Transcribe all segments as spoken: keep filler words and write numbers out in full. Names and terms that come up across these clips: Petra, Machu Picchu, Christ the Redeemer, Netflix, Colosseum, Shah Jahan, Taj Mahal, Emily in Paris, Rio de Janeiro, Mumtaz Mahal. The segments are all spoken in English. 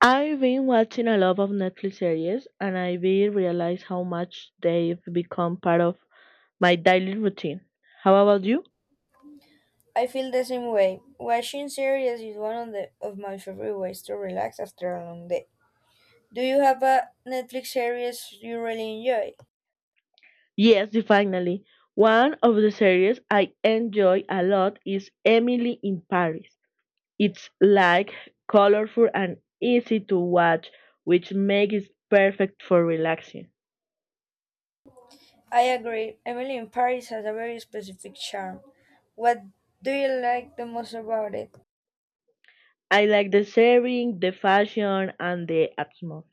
I've been watching a lot of Netflix series and I really realize how much they've become part of my daily routine. How about you? I feel the same way. Watching series is one of the of my favorite ways to relax after a long day. Do you have a Netflix series you really enjoy? Yes, definitely. One of the series I enjoy a lot is Emily in Paris. It's like colorful and easy to watch, which makes it perfect for relaxing. I agree. Emily in Paris has a very specific charm. What do you like the most about it? I like the setting, the fashion, and the atmosphere.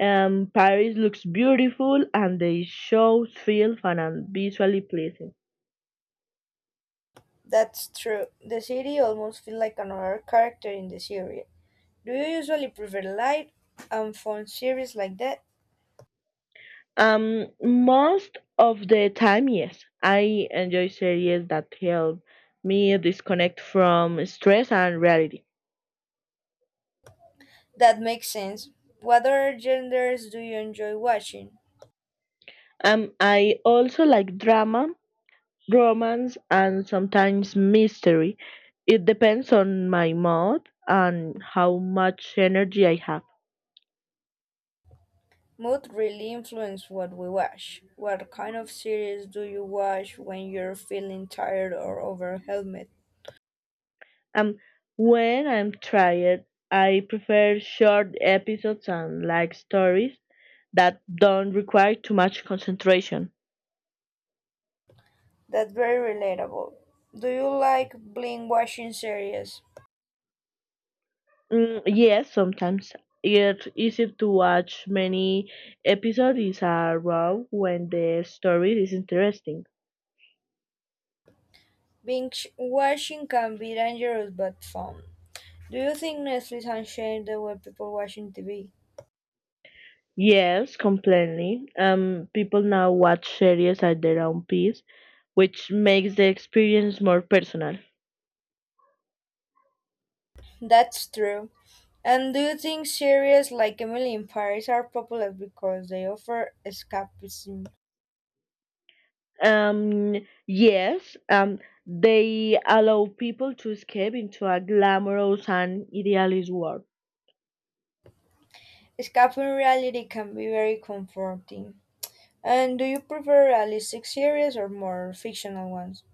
Um, Paris looks beautiful and the shows feel fun and visually pleasing. That's true. The city almost feels like another character in the series. Do you usually prefer light and fun series like that? Um, most of the time, yes, I enjoy series that help me disconnect from stress and reality. That makes sense. What other genders do you enjoy watching? Um, I also like drama, romance, and sometimes mystery. It depends on my mood and how much energy I have. Mood really influences what we watch. What kind of series do you watch when you're feeling tired or overwhelmed? Um, when I'm tired, I prefer short episodes and like stories that don't require too much concentration. That's very relatable. Do you like binge watching series? Mm, yes, sometimes it's easy to watch many episodes are raw when the story is interesting. Binge watching can be dangerous but fun. Do you think Netflix has changed the way people watching T V? Yes, completely. Um, people now watch series at their own pace, which makes the experience more personal. That's true. And do you think series like Emily in Paris are popular because they offer escapism? Um, yes, um, they allow people to escape into a glamorous and idealist world. Escaping reality can be very comforting. And do you prefer realistic series or more fictional ones?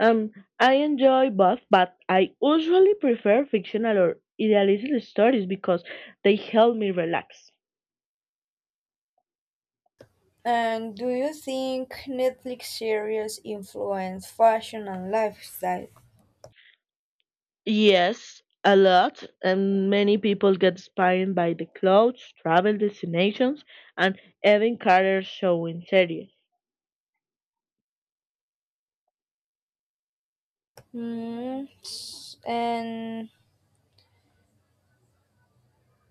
Um, I enjoy both, but I usually prefer fictional or idealistic stories because they help me relax. And do you think Netflix series influence fashion and lifestyle? Yes, a lot, and many people get inspired by the clothes, travel destinations, and even career showing series. Hmm. And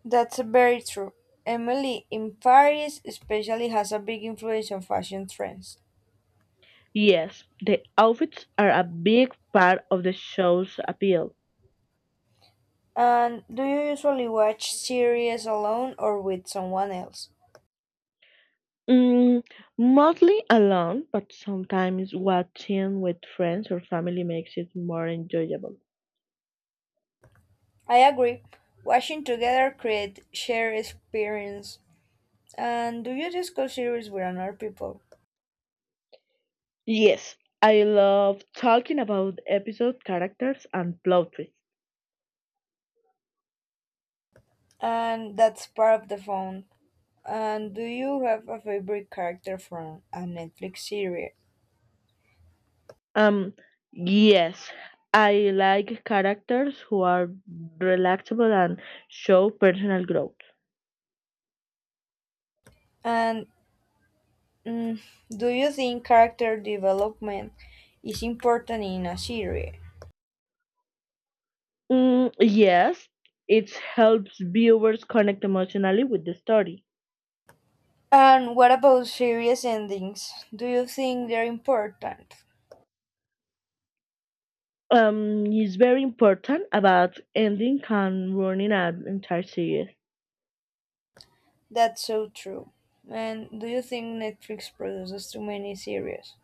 that's very true. Emily in Paris especially has a big influence on fashion trends. Yes, the outfits are a big part of the show's appeal. And do you usually watch series alone or with someone else? Mm, Mostly alone, but sometimes watching with friends or family makes it more enjoyable. I agree. Watching together create shared experience. And do you discuss series with other people? Yes, I love talking about episode characters and plot twists. And that's part of the fun. And do you have a favorite character from a Netflix series? Um, yes, I like characters who are relatable and show personal growth. And mm, do you think character development is important in a series? Mm, yes, it helps viewers connect emotionally with the story. And what about series endings? Do you think they're important? Um, it's very important about ending and ruining an entire series. That's so true. And do you think Netflix produces too many series?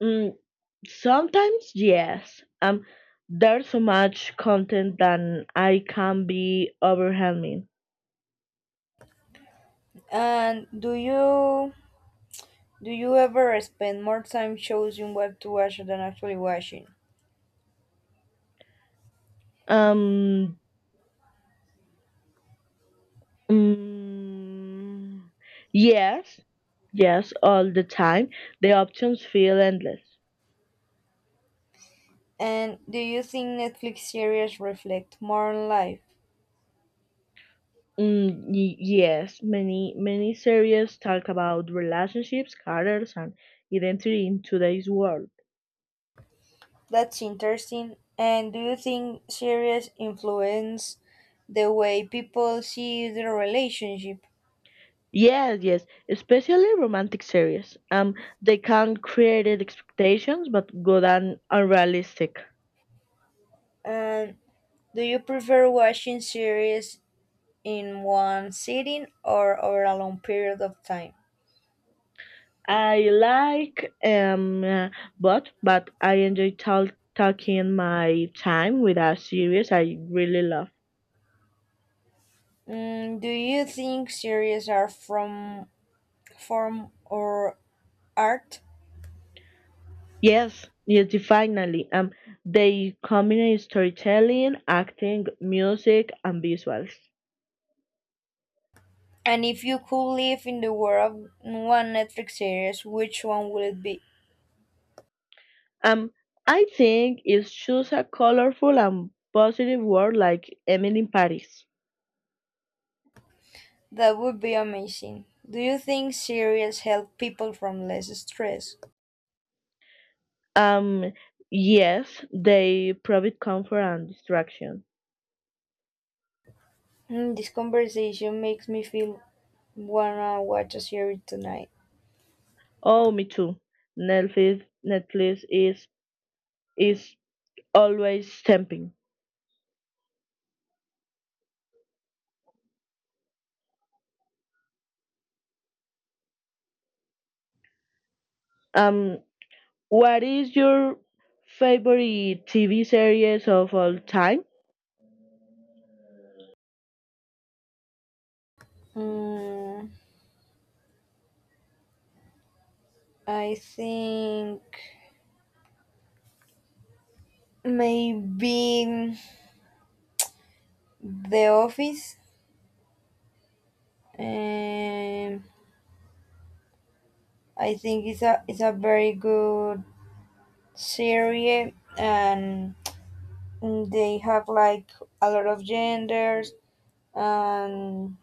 Mm, Sometimes yes. Um, there's so much content that I can be overwhelming. And do you do you ever spend more time choosing what to watch than actually watching? Um, mm, yes, yes, all the time. The options feel endless. And do you think Netflix series reflect modern life? Mm, y- yes, many many series talk about relationships, careers, and identity in today's world. That's interesting. And do you think series influence the way people see their relationship? Yes, yes, especially romantic series. Um, they can create expectations, but good and unrealistic. And do you prefer watching series in one sitting or over a long period of time? I like um, uh, but but I enjoy tal- talking my time with a series I really love. Mm, do you think series are from form or art? Yes, yes, definitely. Um, they combine storytelling, acting, music, and visuals. And if you could live in the world of one Netflix series, which one would it be? Um, I think it's just a colorful and positive world like Emily in Paris. That would be amazing. Do you think cereals help people from less stress? Um, yes, they provide comfort and distraction. Hmm, this conversation makes me feel wanna watch a series tonight. Oh, me too. Netflix, Netflix is is always tempting. Um, what is your favorite T V series of all time? Mm, I think maybe The Office. Um, I think it's a it's a very good series, and they have like a lot of genders, and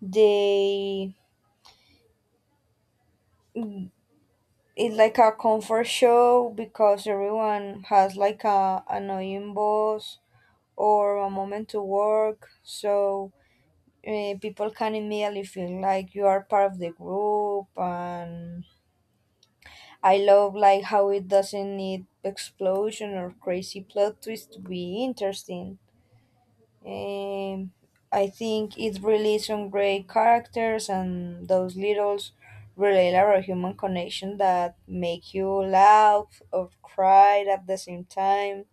they it's like a comfort show because everyone has like a annoying boss or a moment to work, so uh, people can immediately feel like you are part of the group, and I love like how it doesn't need explosion or crazy plot twist to be interesting. um, I think it really some great characters and those little relatable human connection that make you laugh or cry at the same time.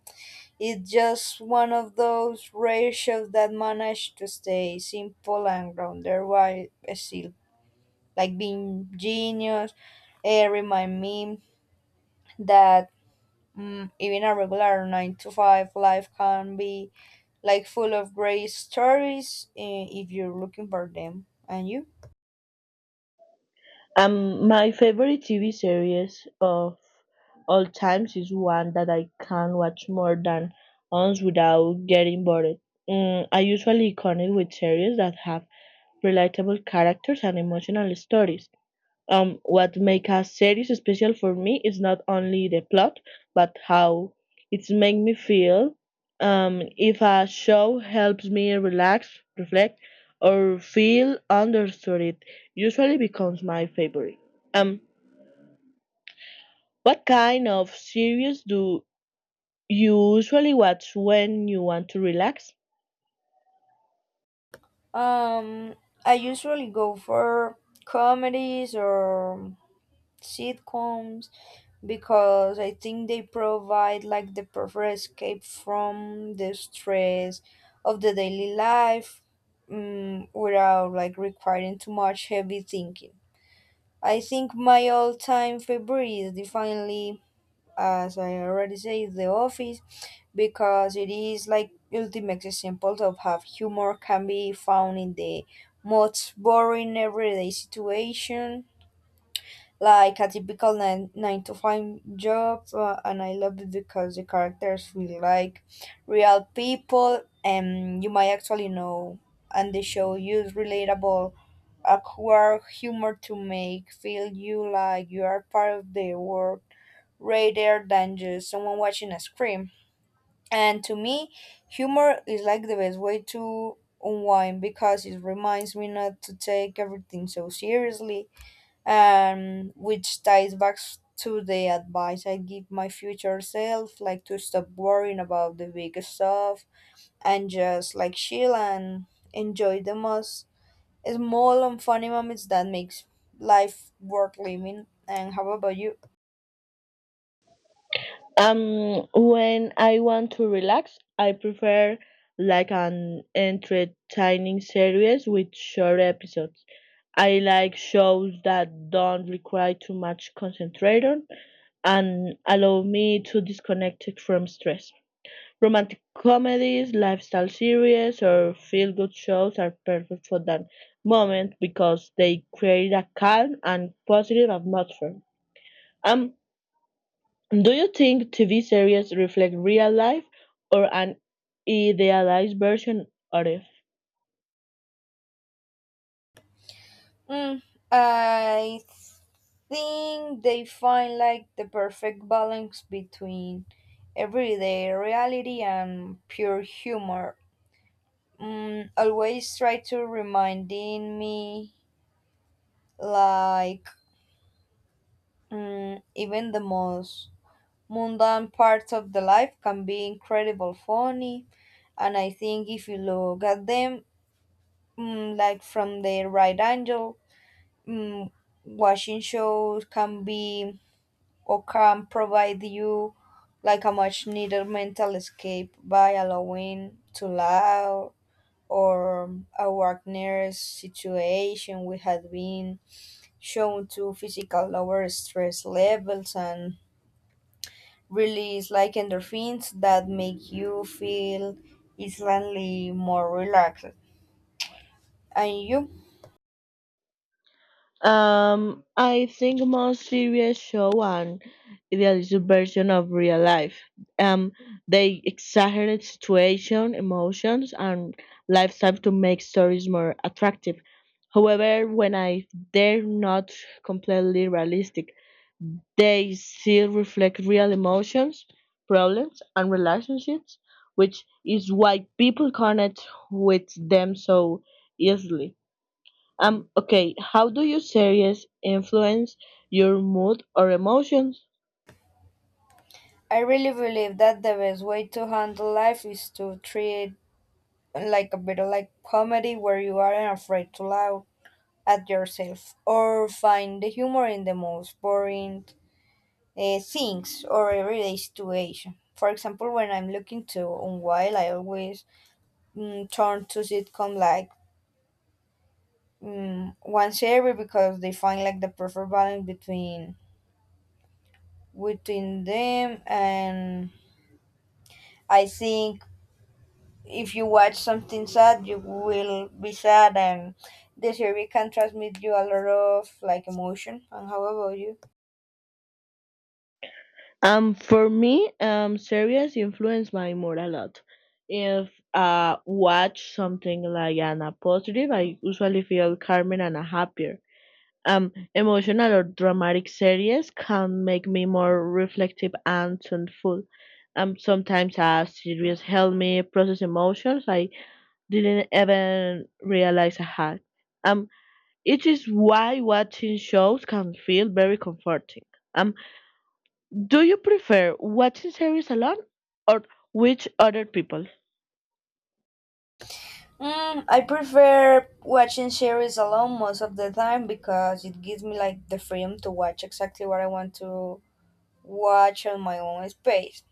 It's just one of those rare shows that manage to stay simple and grounded while still like being genius. It remind me that, Mm, even a regular nine to five life can be like full of great stories, eh, if you're looking for them. And you? Um, my favorite T V series of all times is one that I can watch more than once without getting bored. Mm, I usually connect with series that have relatable characters and emotional stories. Um, what make a series special for me is not only the plot, but how it's make me feel. Um, if a show helps me relax, reflect, or feel understood, it usually becomes my favorite. Um, what kind of series do you usually watch when you want to relax? Um, I usually go for comedies or sitcoms because I think they provide like the perfect escape from the stress of the daily life, um, without like requiring too much heavy thinking. I think my all-time favorite is definitely, as I already say, The Office, because it is like ultimate example of how humor can be found in the most boring everyday situation, like a typical nine, nine to five job. Uh, and I love it because the characters feel like real people, and you might actually know, and the show use relatable awkward humor to make feel you like you are part of the world rather than just someone watching a screen. And to me, humor is like the best way to unwind because it reminds me not to take everything so seriously, um, which ties back s- to the advice I give my future self, like to stop worrying about the big stuff and just like chill and enjoy the most small and funny moments that makes life worth living. And how about you? Um, when I want to relax, I prefer like an entertaining series with short episodes. I like shows that don't require too much concentration and allow me to disconnect it from stress. Romantic comedies, lifestyle series, or feel good shows are perfect for that moment because they create a calm and positive atmosphere. Um, do you think T V series reflect real life or an idealized version of it? Mm, I think they find like the perfect balance between everyday reality and pure humor. Mm, always try to reminding me like, mm, even the most mundane parts of the life can be incredible funny, and I think if you look at them, mm, like from the right angle. Mm, Watching shows can be or can provide you like a much needed mental escape by allowing to laugh or a Wagner's situation we had been shown to physical lower stress levels and release like endorphins that make you feel instantly more relaxed. And you? Um, I think most series show an idealized version of real life. Um, they exaggerate situation, emotions, and lifestyle to make stories more attractive. However, when I they're not completely realistic, they still reflect real emotions, problems, and relationships, which is why people connect with them so easily. Um, okay, how do you series influence your mood or emotions? I really believe that the best way to handle life is to treat it like a bit of like comedy where you aren't afraid to laugh at yourself or find the humor in the most boring uh, things or everyday situation. For example, when I'm looking to unwind, I always mm, turn to sitcom like, mm, once every, because they find like the perfect balance between between them, and I think if you watch something sad you will be sad, and the series can transmit you a lot of like emotion. And how about you? Um, for me, um, series influence my mood a lot. If I watch something like an a positive, I usually feel calmer and happier. Um, emotional or dramatic series can make me more reflective and thoughtful. Um, sometimes a series help me process emotions I didn't even realize I had. Um, it is why watching shows can feel very comforting. Um, do you prefer watching series alone or with other people? mm, I prefer watching series alone most of the time because it gives me like the freedom to watch exactly what I want to watch on my own space.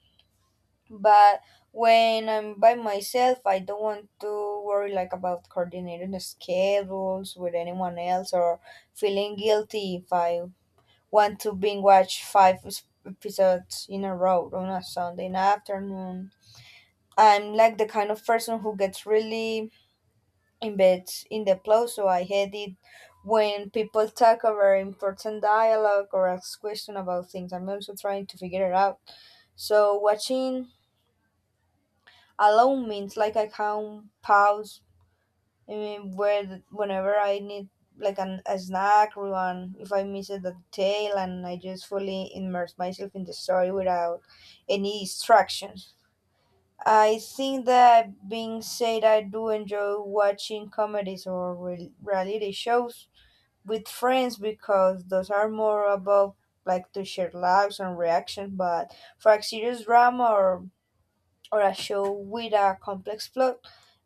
But when I'm by myself I don't want to worry like about coordinating the schedules with anyone else, or feeling guilty if I want to binge watch five s- episodes in a row on a Sunday afternoon. I'm like the kind of person who gets really embeds in the plot, so I hate it when people talk over important dialogue or ask questions about things. I'm also trying to figure it out. So watching alone means like I can pause, I mean, where whenever I need like an, a snack or one, if I miss a detail, and I just fully immerse myself in the story without any distractions. I think that being said, I do enjoy watching comedies or re- reality shows with friends because those are more about like to share laughs and reactions. But for a serious drama or or a show with a complex plot,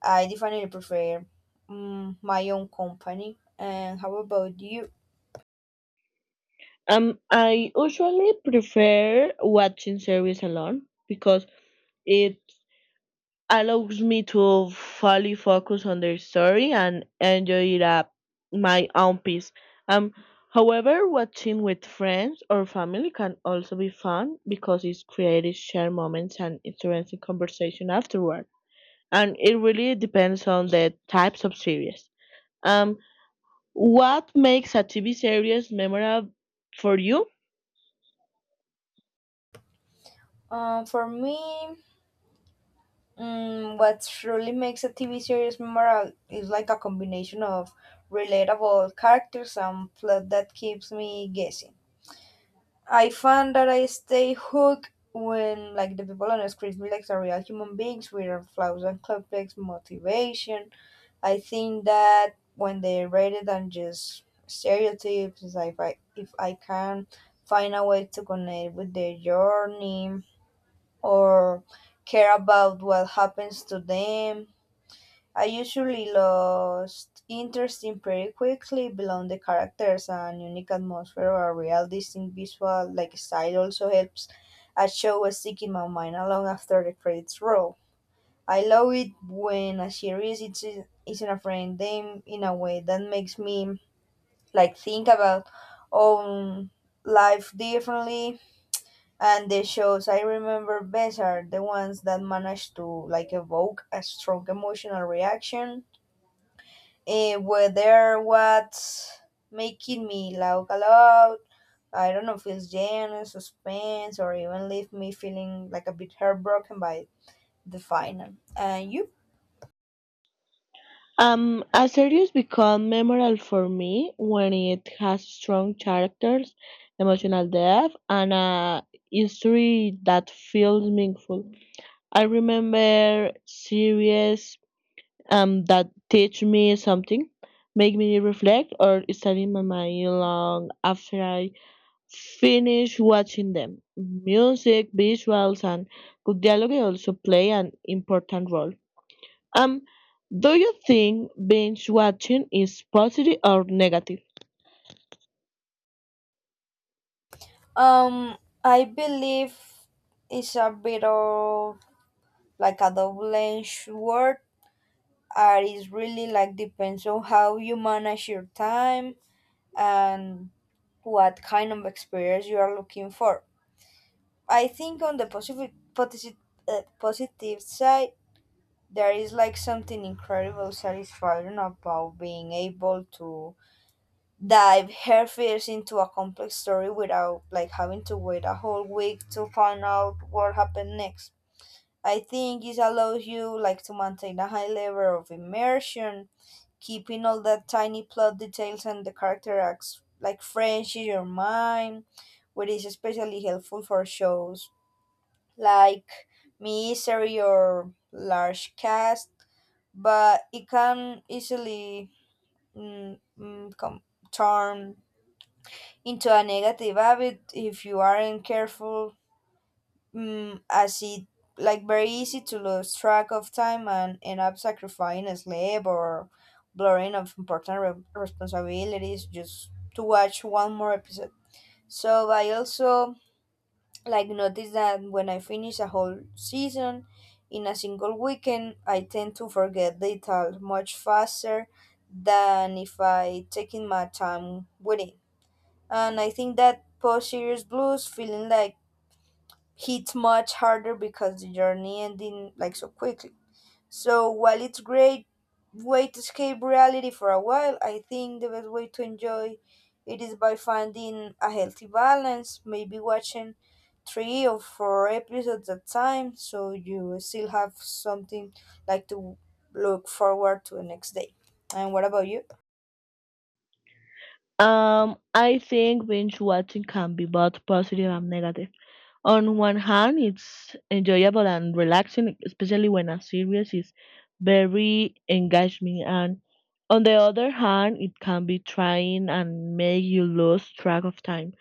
I definitely prefer mm, my own company. And how about you? Um, I usually prefer watching series alone because it allows me to fully focus on the story and enjoy it at my own pace. Um, However, watching with friends or family can also be fun because it creates shared moments and interesting conversation afterward. And it really depends on the types of series. Um, what makes a T V series memorable for you? Um, for me, mm, what really makes a T V series memorable is like a combination of relatable characters and plot that keeps me guessing. I find that I stay hooked when like the people on the screen feel like are real human beings with flaws and complex motivation. I think that when they rather than just stereotypes, is like if I if I can find a way to connect with their journey or care about what happens to them. I usually lost interest in pretty quickly beyond the characters, and unique atmosphere or a real distinct visual like style also helps a show stick in my mind long after the credits roll. I love it when a series is isn't afraid them in a way that makes me like think about own life differently, and the shows I remember best are the ones that manage to like evoke a strong emotional reaction, eh, whether what's making me laugh aloud, I don't know, feels genuine suspense or even leave me feeling like a bit heartbroken by the final. And you? Um, a series become memorable for me when it has strong characters, emotional depth, and a history that feels meaningful. I remember series um, that teach me something, make me reflect, or study my mind long after I finish watching them. Music, visuals, and good dialogue also play an important role. Um, do you think binge watching is positive or negative? Um, I believe it's a bit of like a double-edged sword, and it's really like depends on how you manage your time and what kind of experience you are looking for. I think on the positive positive, uh, positive side, there is like something incredible satisfying about being able to dive headfirst into a complex story without like having to wait a whole week to find out what happened next. I think it allows you like to maintain a high level of immersion, keeping all the tiny plot details and the character acts like fresh in your mind, which is especially helpful for shows like mystery or large cast. But it can easily mm, mm, come turn into a negative habit if you aren't careful, mm, as it like very easy to lose track of time and end up sacrificing sleep or blurring of important re- responsibilities just to watch one more episode. So I also like notice that when I finish a whole season in a single weekend I tend to forget details much faster than if I taking my time with it, and I think that post serious blues feeling like hits much harder because the journey ending like so quickly. So while it's great way to escape reality for a while, I think the best way to enjoy it is by finding a healthy balance, maybe watching three or four episodes at time so you still have something like to look forward to the next day. And what about you? Um, I think binge watching can be both positive and negative. On one hand, it's enjoyable and relaxing, especially when a series is very engaging. And on the other hand, it can be trying and make you lose track of time.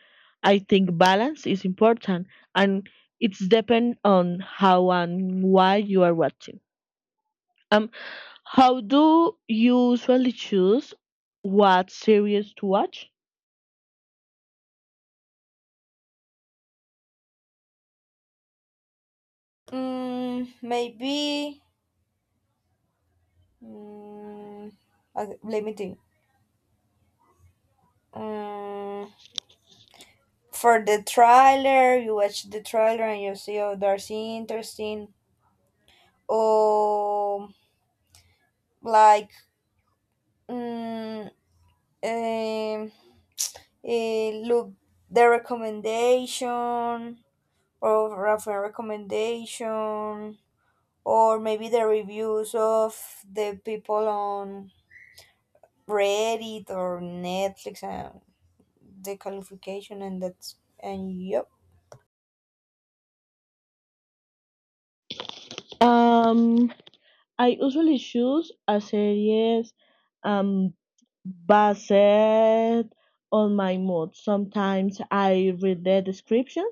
I think balance is important, and it's depend on how and why you are watching. Um, how do you usually choose what series to watch? Mm, maybe. Mm, okay, let me think. Mm, for the trailer, you watch the trailer and you see, oh, that's interesting. Oh, like, mm, um, eh, look, the recommendation or reference recommendation, or maybe the reviews of the people on Reddit or Netflix and the qualification and that's and yep. Um, I usually choose a series um, based on my mood. Sometimes I read the description,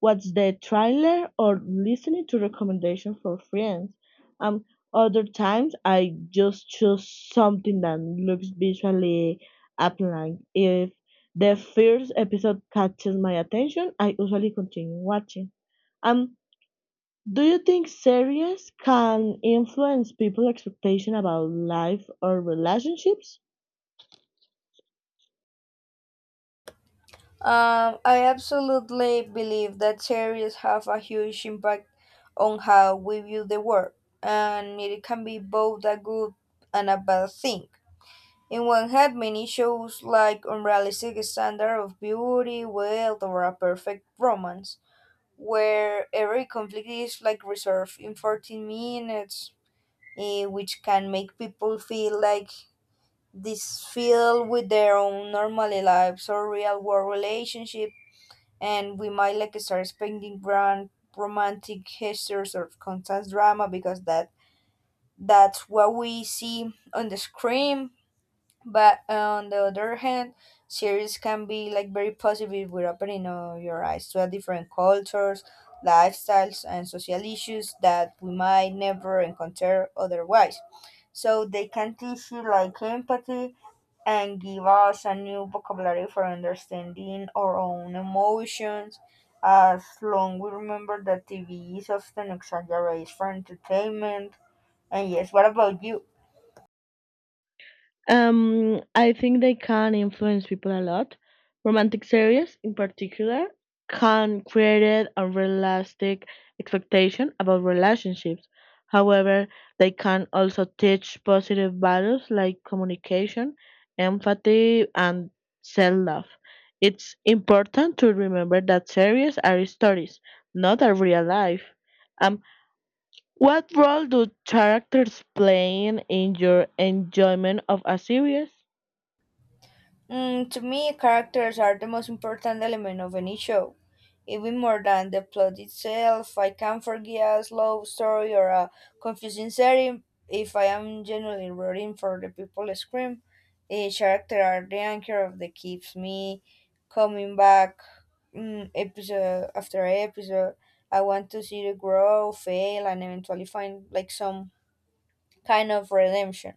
watch the trailer, or listen to recommendation for friends. Um, Other times I just choose something that looks visually appealing. If the first episode catches my attention, I usually continue watching. Um, do you think series can influence people's expectation about life or relationships? Um, I absolutely believe that series have a huge impact on how we view the world, and it can be both a good and a bad thing. In one hand, many shows like unrealistic standard of beauty, wealth, or a perfect romance, where every conflict is like resolved in fourteen minutes, eh, which can make people feel like this feel with their own normal lives or real world relationships, and we might like start expecting grand romantic histories or constant drama because that that's what we see on the screen. But on the other hand, series can be like very positive with opening, uh, your eyes to a different cultures, lifestyles, and social issues that we might never encounter otherwise. So they can teach you like empathy and give us a new vocabulary for understanding our own emotions. As long we remember that T V is often exaggerated for entertainment. And yes, what about you? Um, I think they can influence people a lot. Romantic series, in particular, can create unrealistic expectation about relationships. However, they can also teach positive values like communication, empathy, and self-love. It's important to remember that series are stories, not a real life. Um, what role do characters play in your enjoyment of a series? Mm, to me, characters are the most important element of any show. Even more than the plot itself, I can forgive a slow story or a confusing setting if I am genuinely rooting for the people I scream. The character are the anchor that keeps me coming back, mm, episode after episode. I want to see the grow, fail, and eventually find like some kind of redemption.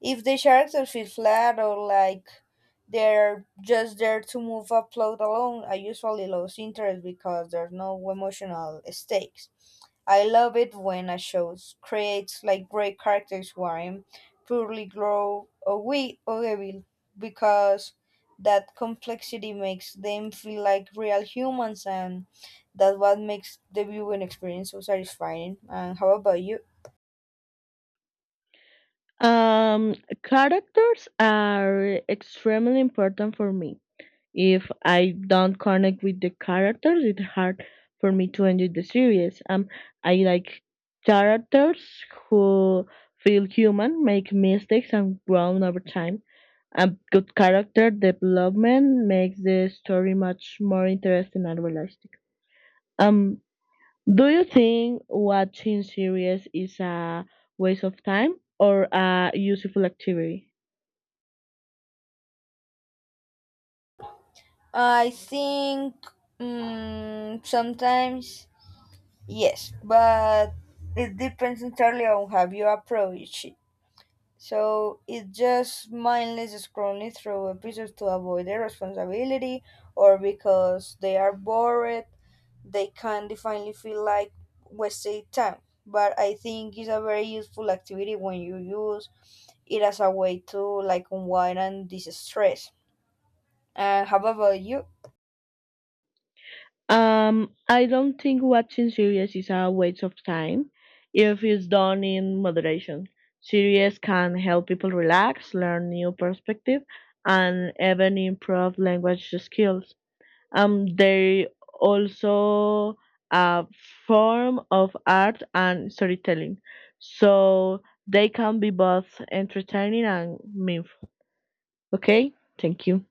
If the characters feel flat or like they're just there to move a plot along, I usually lose interest because there's no emotional stakes. I love it when a show creates like great characters who are purely grow or we or evil, because that complexity makes them feel like real humans, and that's what makes the viewing experience so satisfying. And how about you? Um, Characters are extremely important for me. If I don't connect with the characters, it's hard for me to enjoy the series. Um, I like characters who feel human, make mistakes, and grow over time. A good character development makes the story much more interesting and realistic. Um, do you think watching series is a waste of time or a useful activity? I think mm sometimes yes, but it depends entirely on how you approach it. So it's just mindless scrolling through episodes to avoid their responsibility or because they are bored, they can definitely feel like wasted time. But I think it's a very useful activity when you use it as a way to like unwind and de-stress. And how about you? Um, I don't think watching series is a waste of time if it's done in moderation. Series can help people relax, learn new perspective, and even improve language skills. Um, they also a form of art and storytelling, so they can be both entertaining and meaningful. Okay, thank you.